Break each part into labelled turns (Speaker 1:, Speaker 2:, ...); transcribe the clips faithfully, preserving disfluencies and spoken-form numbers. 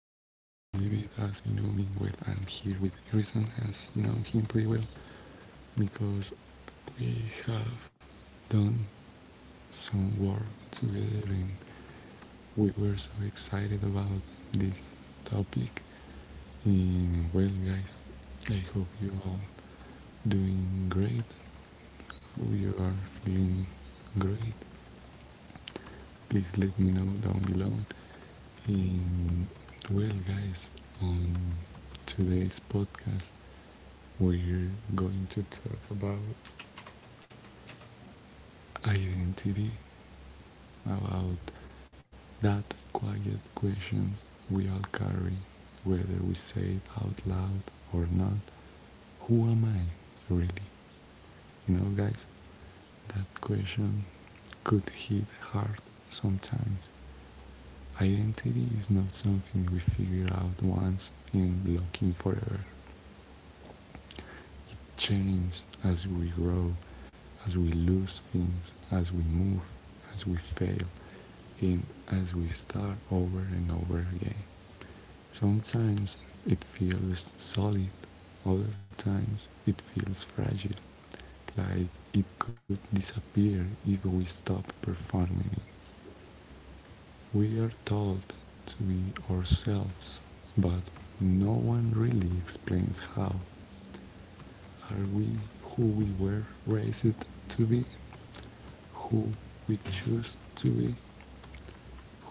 Speaker 1: know me, well, I'm here with Harrison, as you know him pretty well, because we have done some work together and we were so excited about this topic. And well, guys, I hope you all doing great. You are feeling great. Please let me know down below. And well, guys, on today's podcast, we're going to talk about identity, about that quiet question we all carry, whether we say it out loud or not. Who am I really? You know, guys, that question could hit hard sometimes. Identity is not something we figure out once and lock in forever. It changes as we grow, as we lose things, as we move, as we fail, and as we start over and over again. Sometimes it feels solid, other times it feels fragile, like it could disappear if we stop performing it. We are told to be ourselves, but no one really explains how. Are we who we were raised to be? Who we choose to be?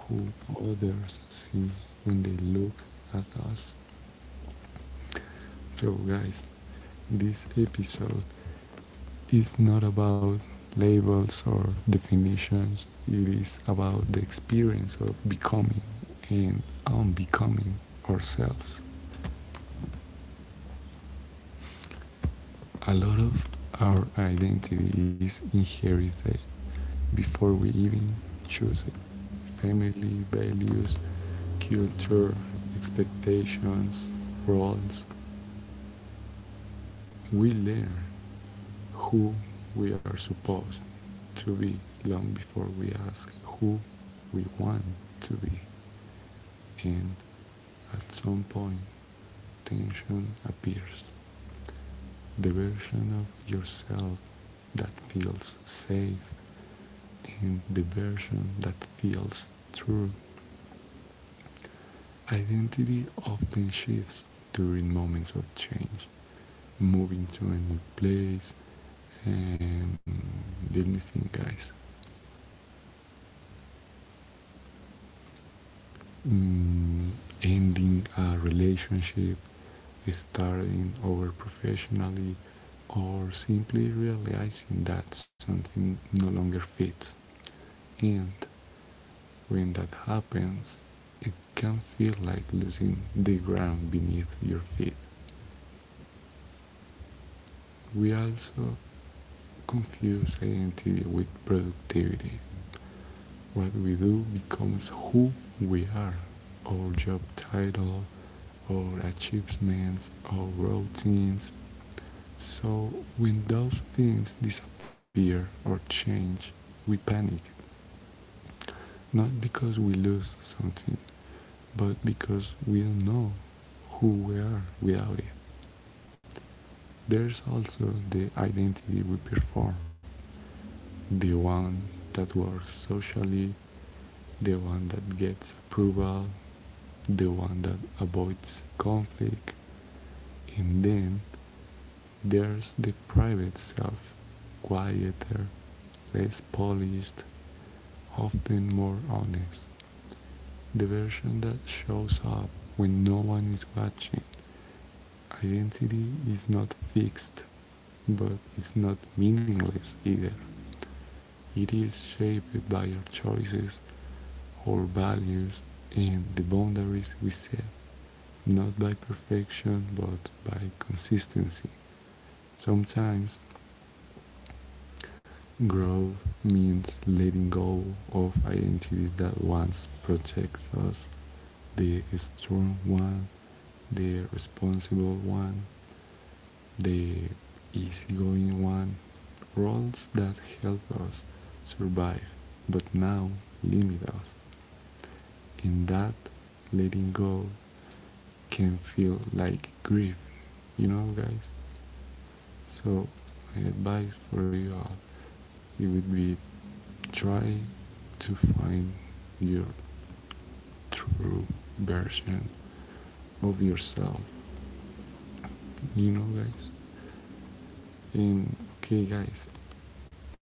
Speaker 1: Who others see when they look at us? So, guys, this episode, it's not about labels or definitions, it is about the experience of becoming and unbecoming ourselves. A lot of our identity is inherited before we even choose it. Family, values, culture, expectations, roles, we learn who we are supposed to be long before we ask who we want to be. And at some point, tension appears. The version of yourself that feels safe and the version that feels true. Identity often shifts during moments of change, moving to a new place, and let me think, guys. Mm, Ending a relationship, starting over professionally, or simply realizing that something no longer fits. And when that happens, it can feel like losing the ground beneath your feet. We also confuse identity with productivity. What we do becomes who we are, our job title, our achievements, our routines. So when those things disappear or change, we panic, not because we lose something, but because we don't know who we are without it. There's also the identity we perform, the one that works socially, the one that gets approval, the one that avoids conflict, and then there's the private self, quieter, less polished, often more honest, the version that shows up when no one is watching. Identity is not fixed, but it's not meaningless either. It is shaped by our choices, our values, and the boundaries we set, not by perfection but by consistency. Sometimes growth means letting go of identities that once protect us, the strong one, the responsible one, the easygoing one, roles that help us survive but now limit us, and that letting go can feel like grief, you know, guys. So, my advice for you all, it would be try to find your true version of yourself, you know, guys. And okay, guys,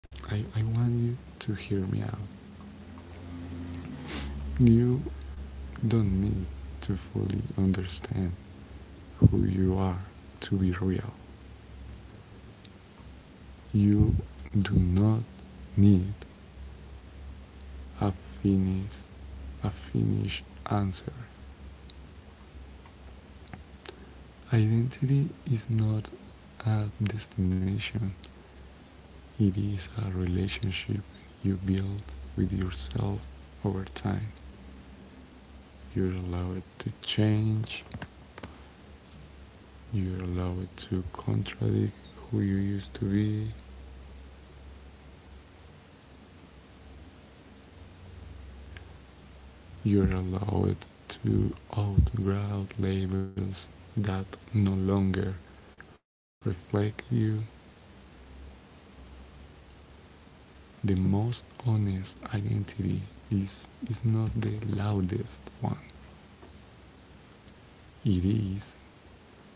Speaker 1: I, I want you to hear me out. You don't need to fully understand who you are to be real. You do not need a finished, a finished answer. Identity is not a destination. It is a relationship you build with yourself over time. You allow it to change, you allow it to contradict who you used to be, you allow it to outgrow labels that no longer reflect you. The most honest identity is, is not the loudest one, it is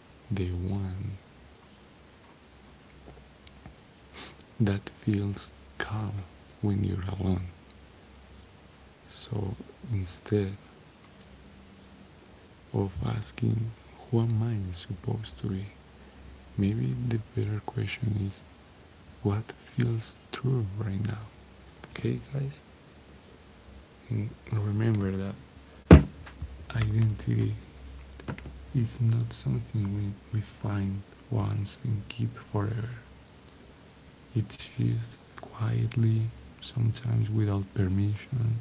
Speaker 1: the one that feels calm when you're alone. So instead of asking who am I supposed to be? Maybe the better question is what feels true right now? Okay, guys? And remember that identity is not something we, we find once and keep forever. It shifts quietly, sometimes without permission.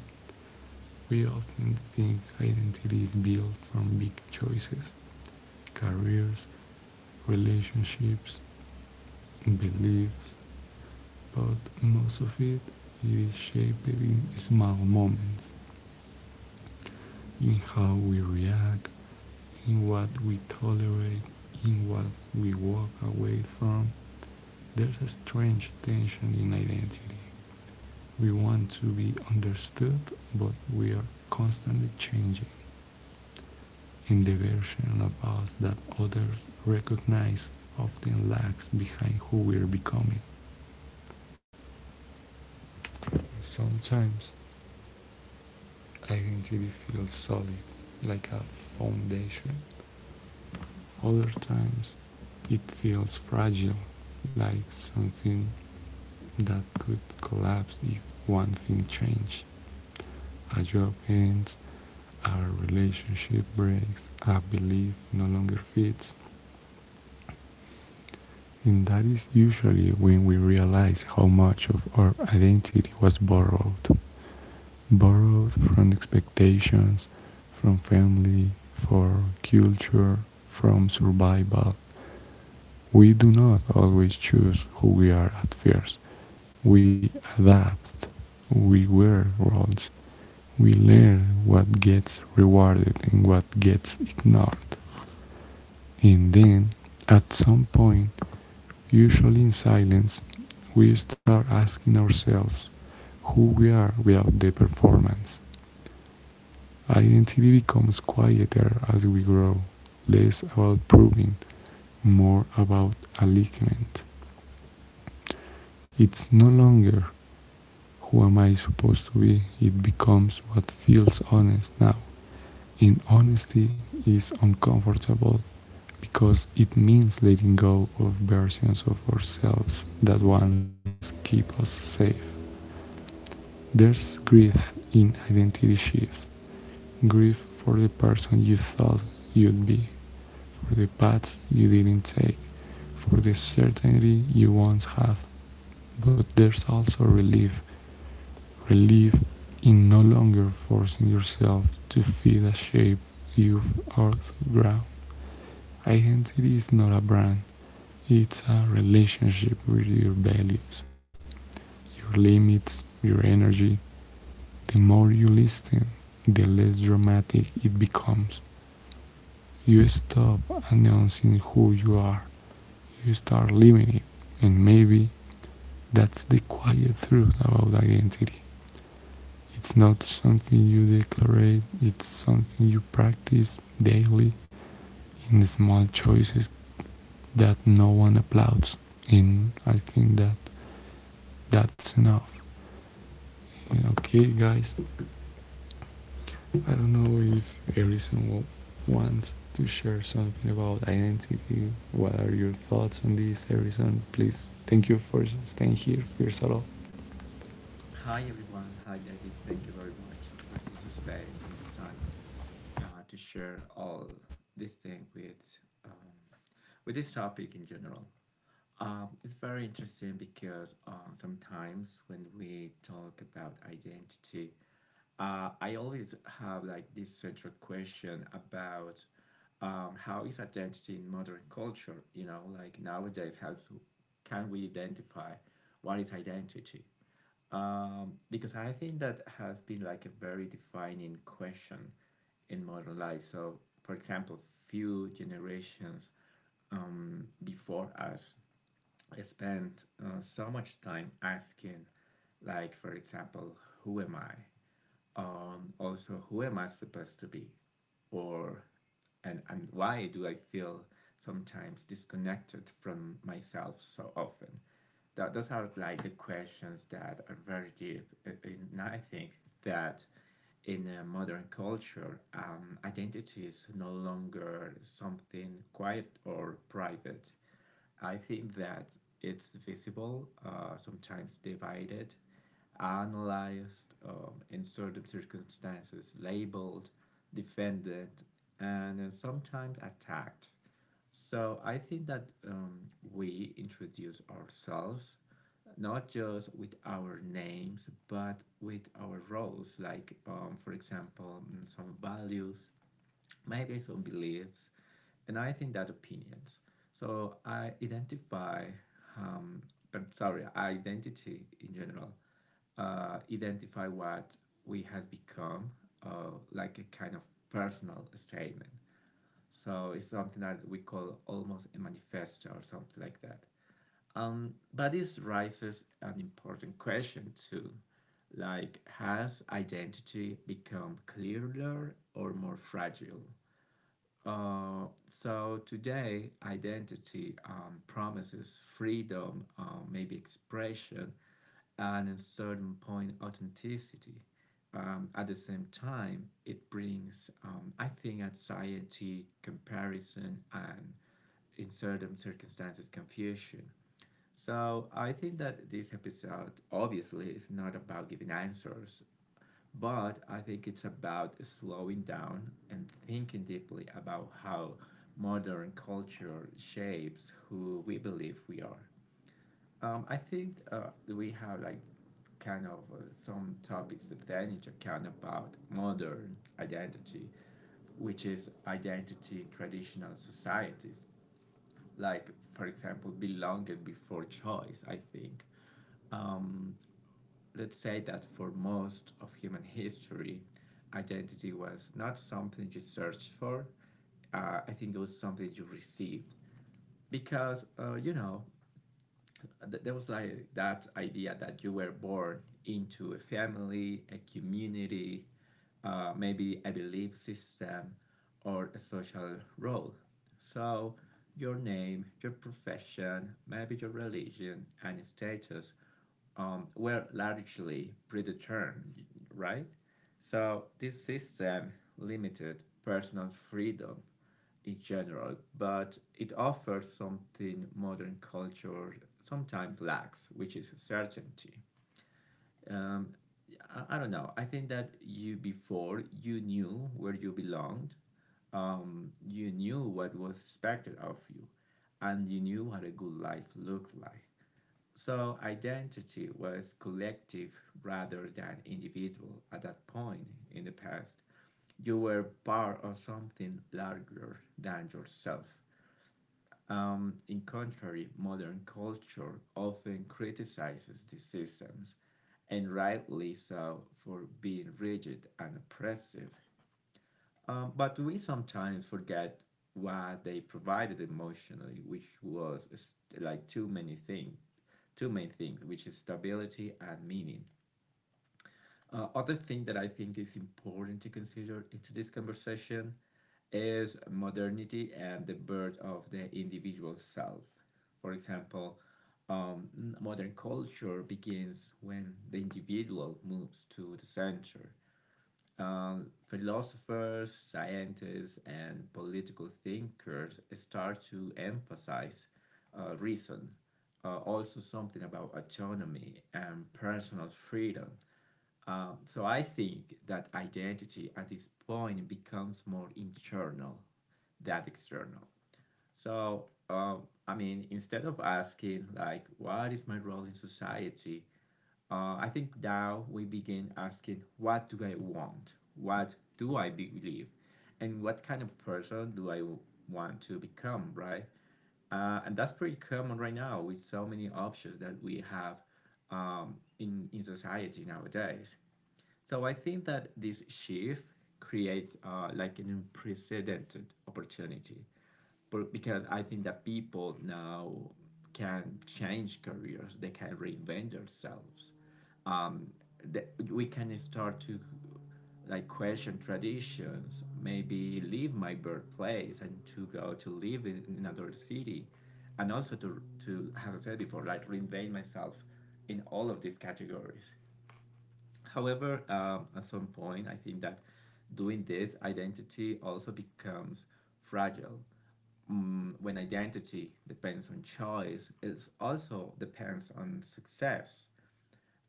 Speaker 1: We often think identity is built from big choices, careers, relationships, beliefs, but most of it is shaped in small moments, in how we react, in what we tolerate, in what we walk away from. There's a strange tension in identity. We want to be understood, but we are constantly changing. In the version of us that others recognize often lags behind who we're becoming. Sometimes identity feels solid, like a foundation. Other times it feels fragile, like something that could collapse if one thing changed. A job ends, a relationship breaks, a belief no longer fits, and that is usually when we realize how much of our identity was borrowed. Borrowed from expectations, from family, from culture, from survival. We do not always choose who we are at first. We adapt, we wear roles, we learn what gets rewarded and what gets ignored. And then, at some point, usually in silence, we start asking ourselves who we are without the performance. Identity becomes quieter as we grow, less about proving, more about alignment. It's no longer who am I supposed to be, it becomes what feels honest now. In honesty is uncomfortable because it means letting go of versions of ourselves that once keep us safe. There's grief in identity shifts. Grieve for the person you thought you'd be, for the path you didn't take, for the certainty you once had. But there's also relief, relief in no longer forcing yourself to fit a shape you've outgrown. Identity is not a brand, it's a relationship with your values, your limits, your energy. The more you listen, the less dramatic it becomes. You stop announcing who you are. You start living it. And maybe that's the quiet truth about identity. It's not something you declare, it's something you practice daily in small choices that no one applauds. And I think that that's enough. Okay, guys, I don't know if Harrison wants to share something about identity. What are your thoughts on this, Harrison? Please, thank you for staying here, first of all.
Speaker 2: Hi everyone. Hi David. Thank you very much for this space and this time uh, to share all this thing with um, with this topic in general. Um, it's very interesting because uh, sometimes when we talk about identity, uh, I always have like this central question about um, how is identity in modern culture? You know, like nowadays, how to, can we identify what is identity? Um, because I think that has been like a very defining question in modern life. So, for example, few generations before us spent uh, so much time asking, like, for example, who am I? Um, also, who am I supposed to be? Or, and, and why do I feel sometimes disconnected from myself so often? That those are like the questions that are very deep. And I think that in a modern culture, um, identity is no longer something quiet or private. I think that it's visible, uh, sometimes divided, analyzed um, in certain circumstances, labeled, defended, and uh, sometimes attacked. So I think that um, we introduce ourselves not just with our names but with our roles, like um, for example, mm, some values, maybe some beliefs, and I think that opinions. So I identify, um, but sorry, identity in general, uh, identify what we have become, uh, like a kind of personal statement. So it's something that we call almost a manifesto or something like that. Um, but this raises an important question too. Like, has identity become clearer or more fragile? Uh, so today, identity um, promises freedom, uh, maybe expression, and at a certain point, authenticity. Um, at the same time, it brings, um, I think, anxiety, comparison, and in certain circumstances, confusion. So I think that this episode obviously is not about giving answers but I think it's about slowing down and thinking deeply about how modern culture shapes who we believe we are. Um, I think uh, we have like kind of uh, some topics to take into account about modern identity, which is identity in traditional societies, like for example, belonging before choice. I think um, let's say that for most of human history, identity was not something you searched for. Uh, I think it was something you received because, uh, you know, th- there was like that idea that you were born into a family, a community, uh, maybe a belief system or a social role. So, your name, your profession, maybe your religion and status um, were largely predetermined, right? So this system limited personal freedom in general, but it offers something modern culture sometimes lacks, which is certainty. Um, I, I don't know. I think that you before you knew where you belonged. Um, you knew what was expected of you, and you knew what a good life looked like. So identity was collective rather than individual at that point in the past. You were part of something larger than yourself. Um, in contrary, modern culture often criticizes these systems, and rightly so, for being rigid and oppressive. Um, but we sometimes forget what they provided emotionally, which was like too many things, two main things, which is stability and meaning. Uh, other thing that I think is important to consider into this conversation is modernity and the birth of the individual self. For example, um, modern culture begins when the individual moves to the center um, philosophers, scientists, and political thinkers start to emphasize uh, reason, uh, also something about autonomy and personal freedom. Um, so I think that identity at this point becomes more internal than external. So um, I mean, instead of asking like, what is my role in society? uh, I think now we begin asking, what do I want? What do I believe? And what kind of person do I want to become, right? Uh, and that's pretty common right now with so many options that we have um, in, in society nowadays. So I think that this shift creates uh, like an unprecedented opportunity, but because I think that people now can change careers, they can reinvent themselves. Um, that we can start to like question traditions, maybe leave my birthplace and to go to live in another city, and also to to as I said before, like reinvent myself in all of these categories. However, um, at some point, I think that doing this, identity also becomes fragile. Mm, when identity depends on choice, it also depends on success.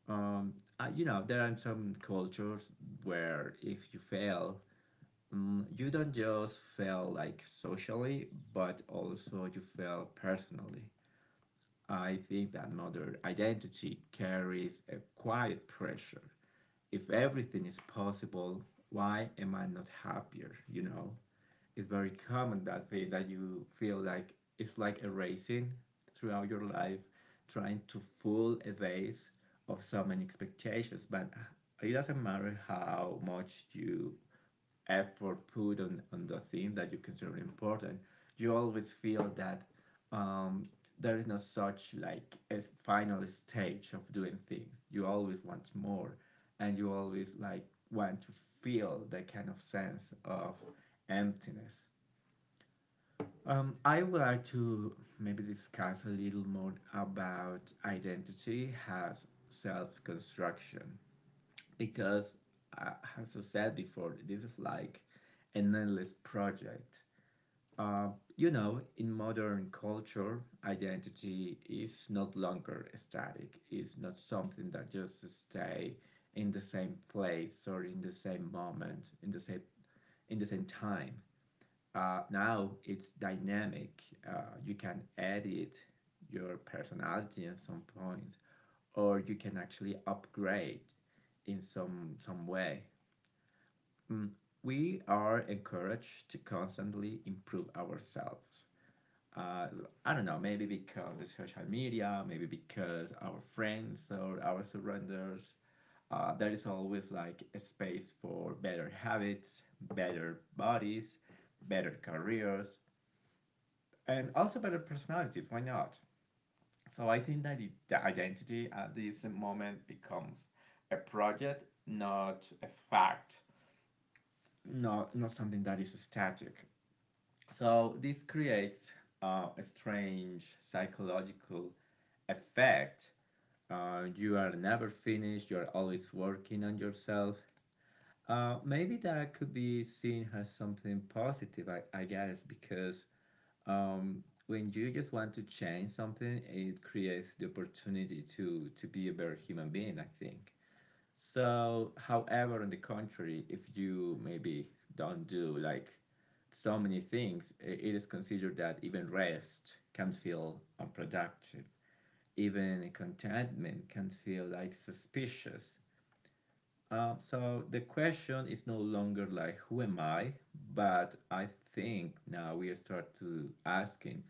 Speaker 2: Um, uh, you know, there are some cultures where if you fail, mm, you don't just fail like socially, but also you fail personally. I think that modern identity carries a quiet pressure if everything is possible, why am I not happier? You know, it's very common that way that you feel like it's like erasing throughout your life, trying to full evade of so many expectations. But it doesn't matter how much you effort put on, on the thing that you consider important, you always feel that um, there is no such like a final stage of doing things. You always want more, and you always like want to feel that kind of sense of emptiness. Um, I would like to maybe discuss a little more about identity as self construction because I as I said before, this is like an endless project. Uh, you know, in modern culture, identity is not longer static. It's not something that just stay in the same place or in the same moment, in the same in the same time. Uh, now it's dynamic. Uh, you can edit your personality at some point, or you can actually upgrade in some some way we are encouraged to constantly improve ourselves. Uh, I don't know, maybe because the social media, maybe because our friends or our surroundings, uh, there is always like a space for better habits, better bodies, better careers, and also better personalities. Why not? So I think that the the identity at this moment becomes a project, not a fact, not not something that is static. So this creates uh, a strange psychological effect. Uh, you are never finished. You are always working on yourself. Uh, maybe that could be seen as something positive. I, I guess because um, when you just want to change something, it creates the opportunity to to be a better human being, I think. So, however, on the contrary, if you maybe don't do like so many things, i- it is considered that even rest can feel unproductive. Even contentment can feel like suspicious. Uh, so the question is no longer like who am I, but I think now we start to asking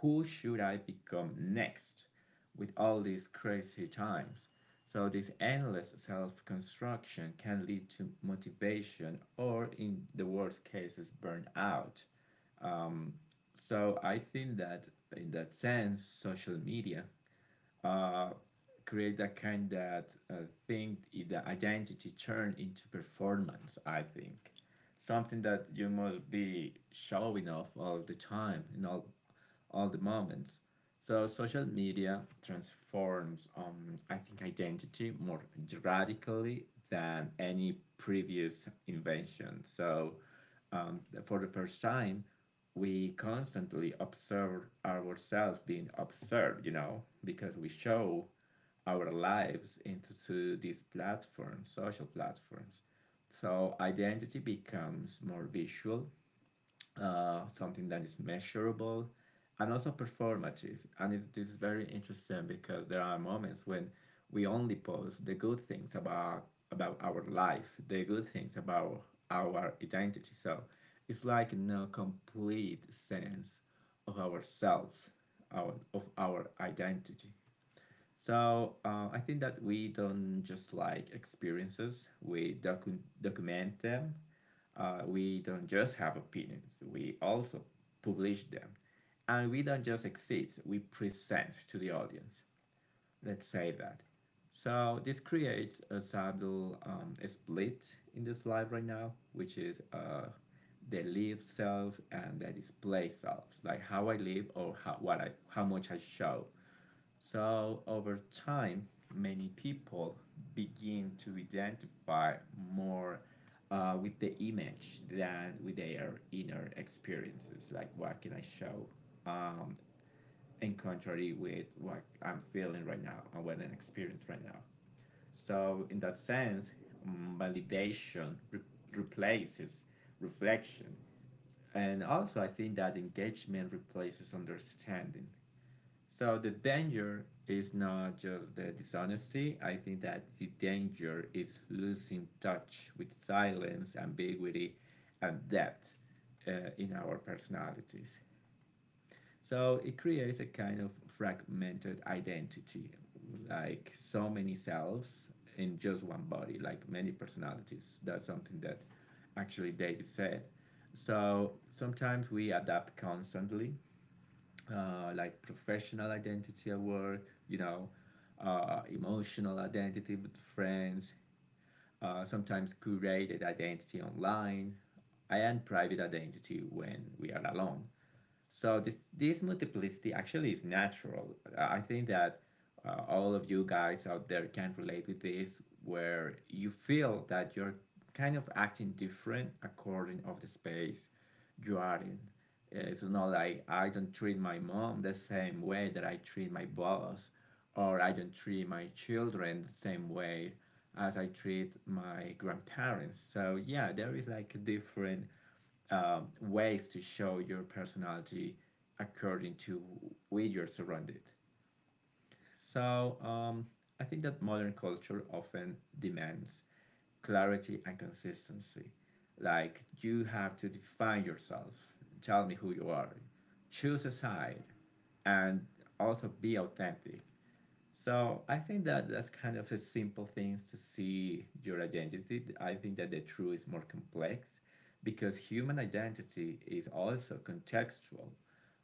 Speaker 2: who should I become next with all these crazy times. So this endless self-construction can lead to motivation or in the worst cases burnout. So I think that in that sense social media uh, create that kind that uh, thing the identity turned into performance, I think, something that you must be showing off all the time in all all the moments. So social media transforms um I think identity more radically than any previous invention. So um, for the first time we constantly observe ourselves being observed, you know, because we show our lives into to these platforms, social platforms. So identity becomes more visual, uh, something that is measurable, and also performative. And it is very interesting because there are moments when we only post the good things about about our life, the good things about our identity. So it's like no complete sense of ourselves, our, of our identity. So uh, I think that we don't just like experiences, we docu- document them. Uh, we don't just have opinions, we also publish them. And we don't just exist, we present to the audience. Let's say that. So this creates a subtle um, a split in this life right now, which is uh, the live self and the display self, like how I live or how, what I, how much I show. So over time, many people begin to identify more uh, with the image than with their inner experiences, like what can I show. Um, in contrary with what I'm feeling right now and what I'm experiencing right now. So in that sense, mm, validation re- replaces reflection. And also, I think that engagement replaces understanding. So the danger is not just the dishonesty. I think that the danger is losing touch with silence, ambiguity, and depth uh, in our personalities. So it creates a kind of fragmented identity, like so many selves in just one body, like many personalities. That's something that actually David said. So sometimes we adapt constantly, uh, like professional identity at work, you know, uh, emotional identity with friends, uh, sometimes curated identity online, and private identity when we are alone. So this this multiplicity actually is natural. I think that uh, all of you guys out there can relate with this, where you feel that you're kind of acting different according of the space you are in. Uh, It's not like I don't treat my mom the same way that I treat my boss, or I don't treat my children the same way as I treat my grandparents. So yeah, there is like a different um, ways to show your personality according to where you're surrounded. So um, I think that modern culture often demands clarity and consistency. Like you have to define yourself, tell me who you are, choose a side, and also be authentic. So I think that that's kind of a simple thing to see your identity. I think that the truth is more complex because human identity is also contextual.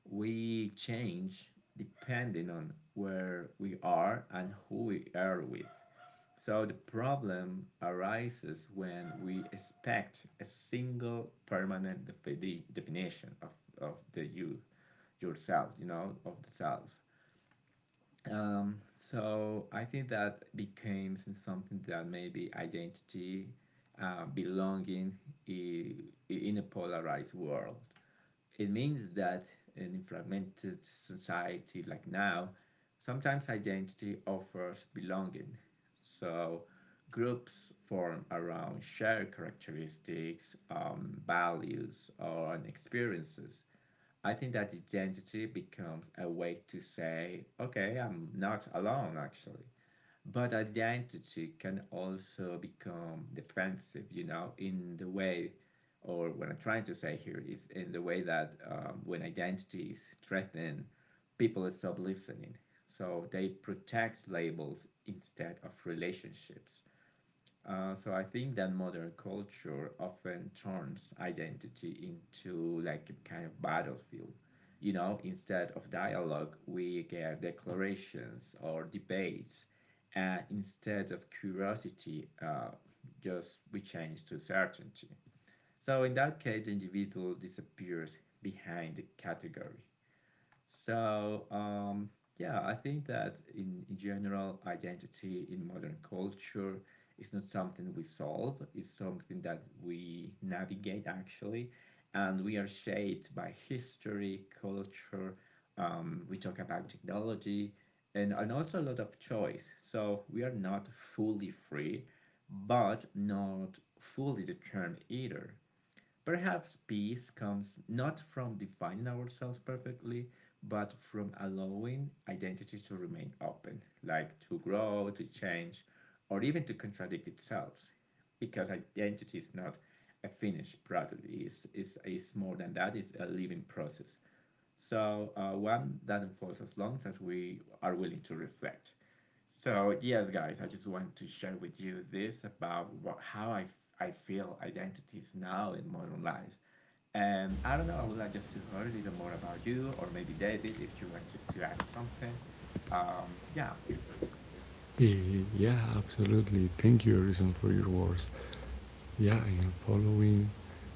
Speaker 2: We change depending on where we are and who we are with. So the problem arises when we expect a single permanent defi- definition of, of the you, yourself, you know, of the self. Um, so I think that became something that maybe identity, uh, belonging i- in a polarized world. It means that in a fragmented society like now, sometimes identity offers belonging. So groups form around shared characteristics, um, values, or experiences. I think that identity becomes a way to say, okay, I'm not alone actually. But identity can also become defensive, you know, in the way, or what I'm trying to say here is in the way that um, when identity is threatened, people stop listening. So they protect labels instead of relationships. Uh, so I think that modern culture often turns identity into like a kind of battlefield. You know, instead of dialogue, we get declarations or debates, and instead of curiosity, uh, just we change to certainty. So in that case, the individual disappears behind the category. So um, yeah, I think that in, in general, identity in modern culture is not something we solve. It's something that we navigate actually, and we are shaped by history, culture. Um, we talk about technology, and, and also a lot of choice. So we are not fully free, but not fully determined either. Perhaps peace comes not from defining ourselves perfectly, but from allowing identity to remain open, like to grow, to change, or even to contradict itself. Because identity is not a finished product, it's, it's, it's more than that, it's a living process. So uh, one doesn't falls as long as we are willing to reflect. So yes, guys, I just want to share with you this about what, how I, f- I feel identities now in modern life. And I don't know, I would like just to hear a little more about you or maybe David if you want just to add something. Um, yeah,
Speaker 1: Eh, Yeah, absolutely. Thank you, Harrison, for your words. Yeah, I am following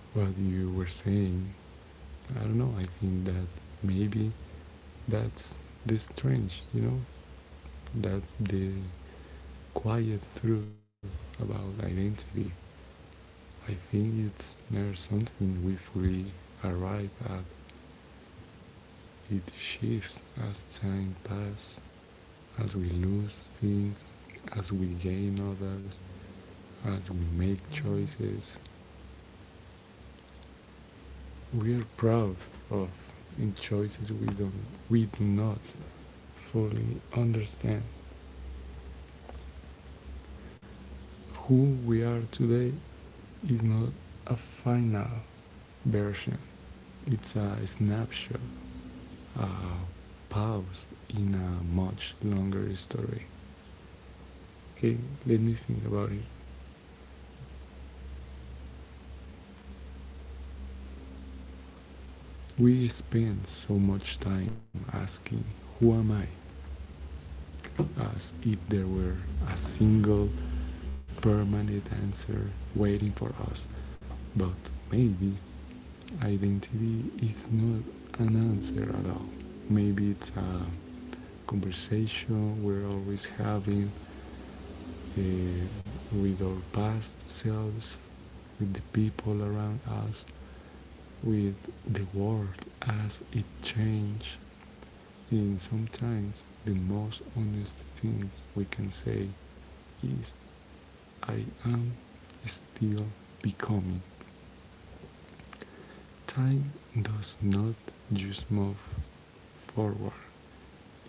Speaker 1: what you were saying. I don't know, I think that maybe that's the strange, you know? That's the quiet truth about identity. I think it's never something we fully arrive at. It shifts as time passes, as we lose things, as we gain others, as we make choices. We are proud of in choices we don't we do not fully understand. Who we are today is not a final version. It's a snapshot uh, pause in a much longer story. Okay, let me think about it. We spend so much time asking, who am I? As if there were a single permanent answer waiting for us. But maybe identity is not an answer at all. Maybe it's a conversation we're always having uh, with our past selves, with the people around us, with the world as it changes. And sometimes the most honest thing we can say is, I am still becoming. Time does not just move forward,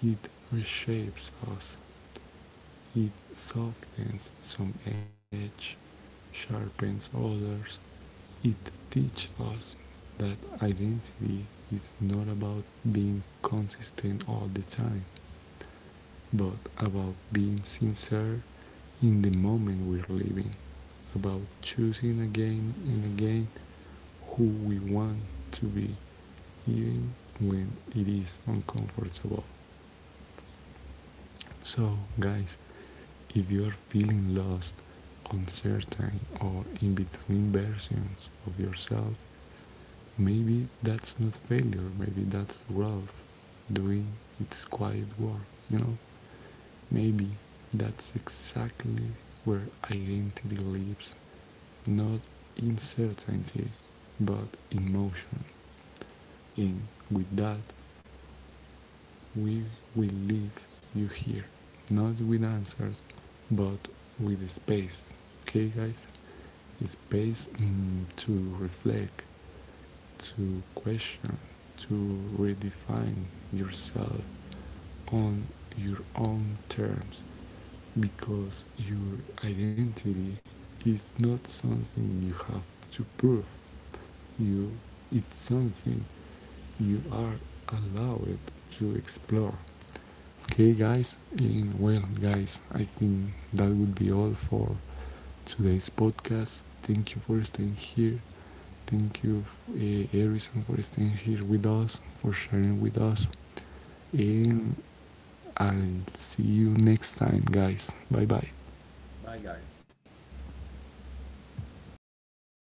Speaker 1: it reshapes us. It softens some edges, sharpens others. It teaches us that identity is not about being consistent all the time, but about being sincere in the moment we're living, about choosing again and again who we want to be, even when it is uncomfortable. So, guys, if you are feeling lost, uncertain, or in between versions of yourself, maybe that's not failure, maybe that's growth doing its quiet work, you know? Maybe that's exactly where identity lives, not in certainty, but in motion. And with that, we will leave you here. Not with answers, but with space. Okay, guys? Space mm, to reflect, to question, to redefine yourself on your own terms because your identity is not something you have to prove you, it's something you are allowed to explore. Okay, guys, and well, guys, I think that would be all for today's podcast. Thank you for staying here. Thank you, uh, Harrison, for staying here with us, for sharing with us, and I'll see you next time, guys. Bye bye.
Speaker 2: bye guys.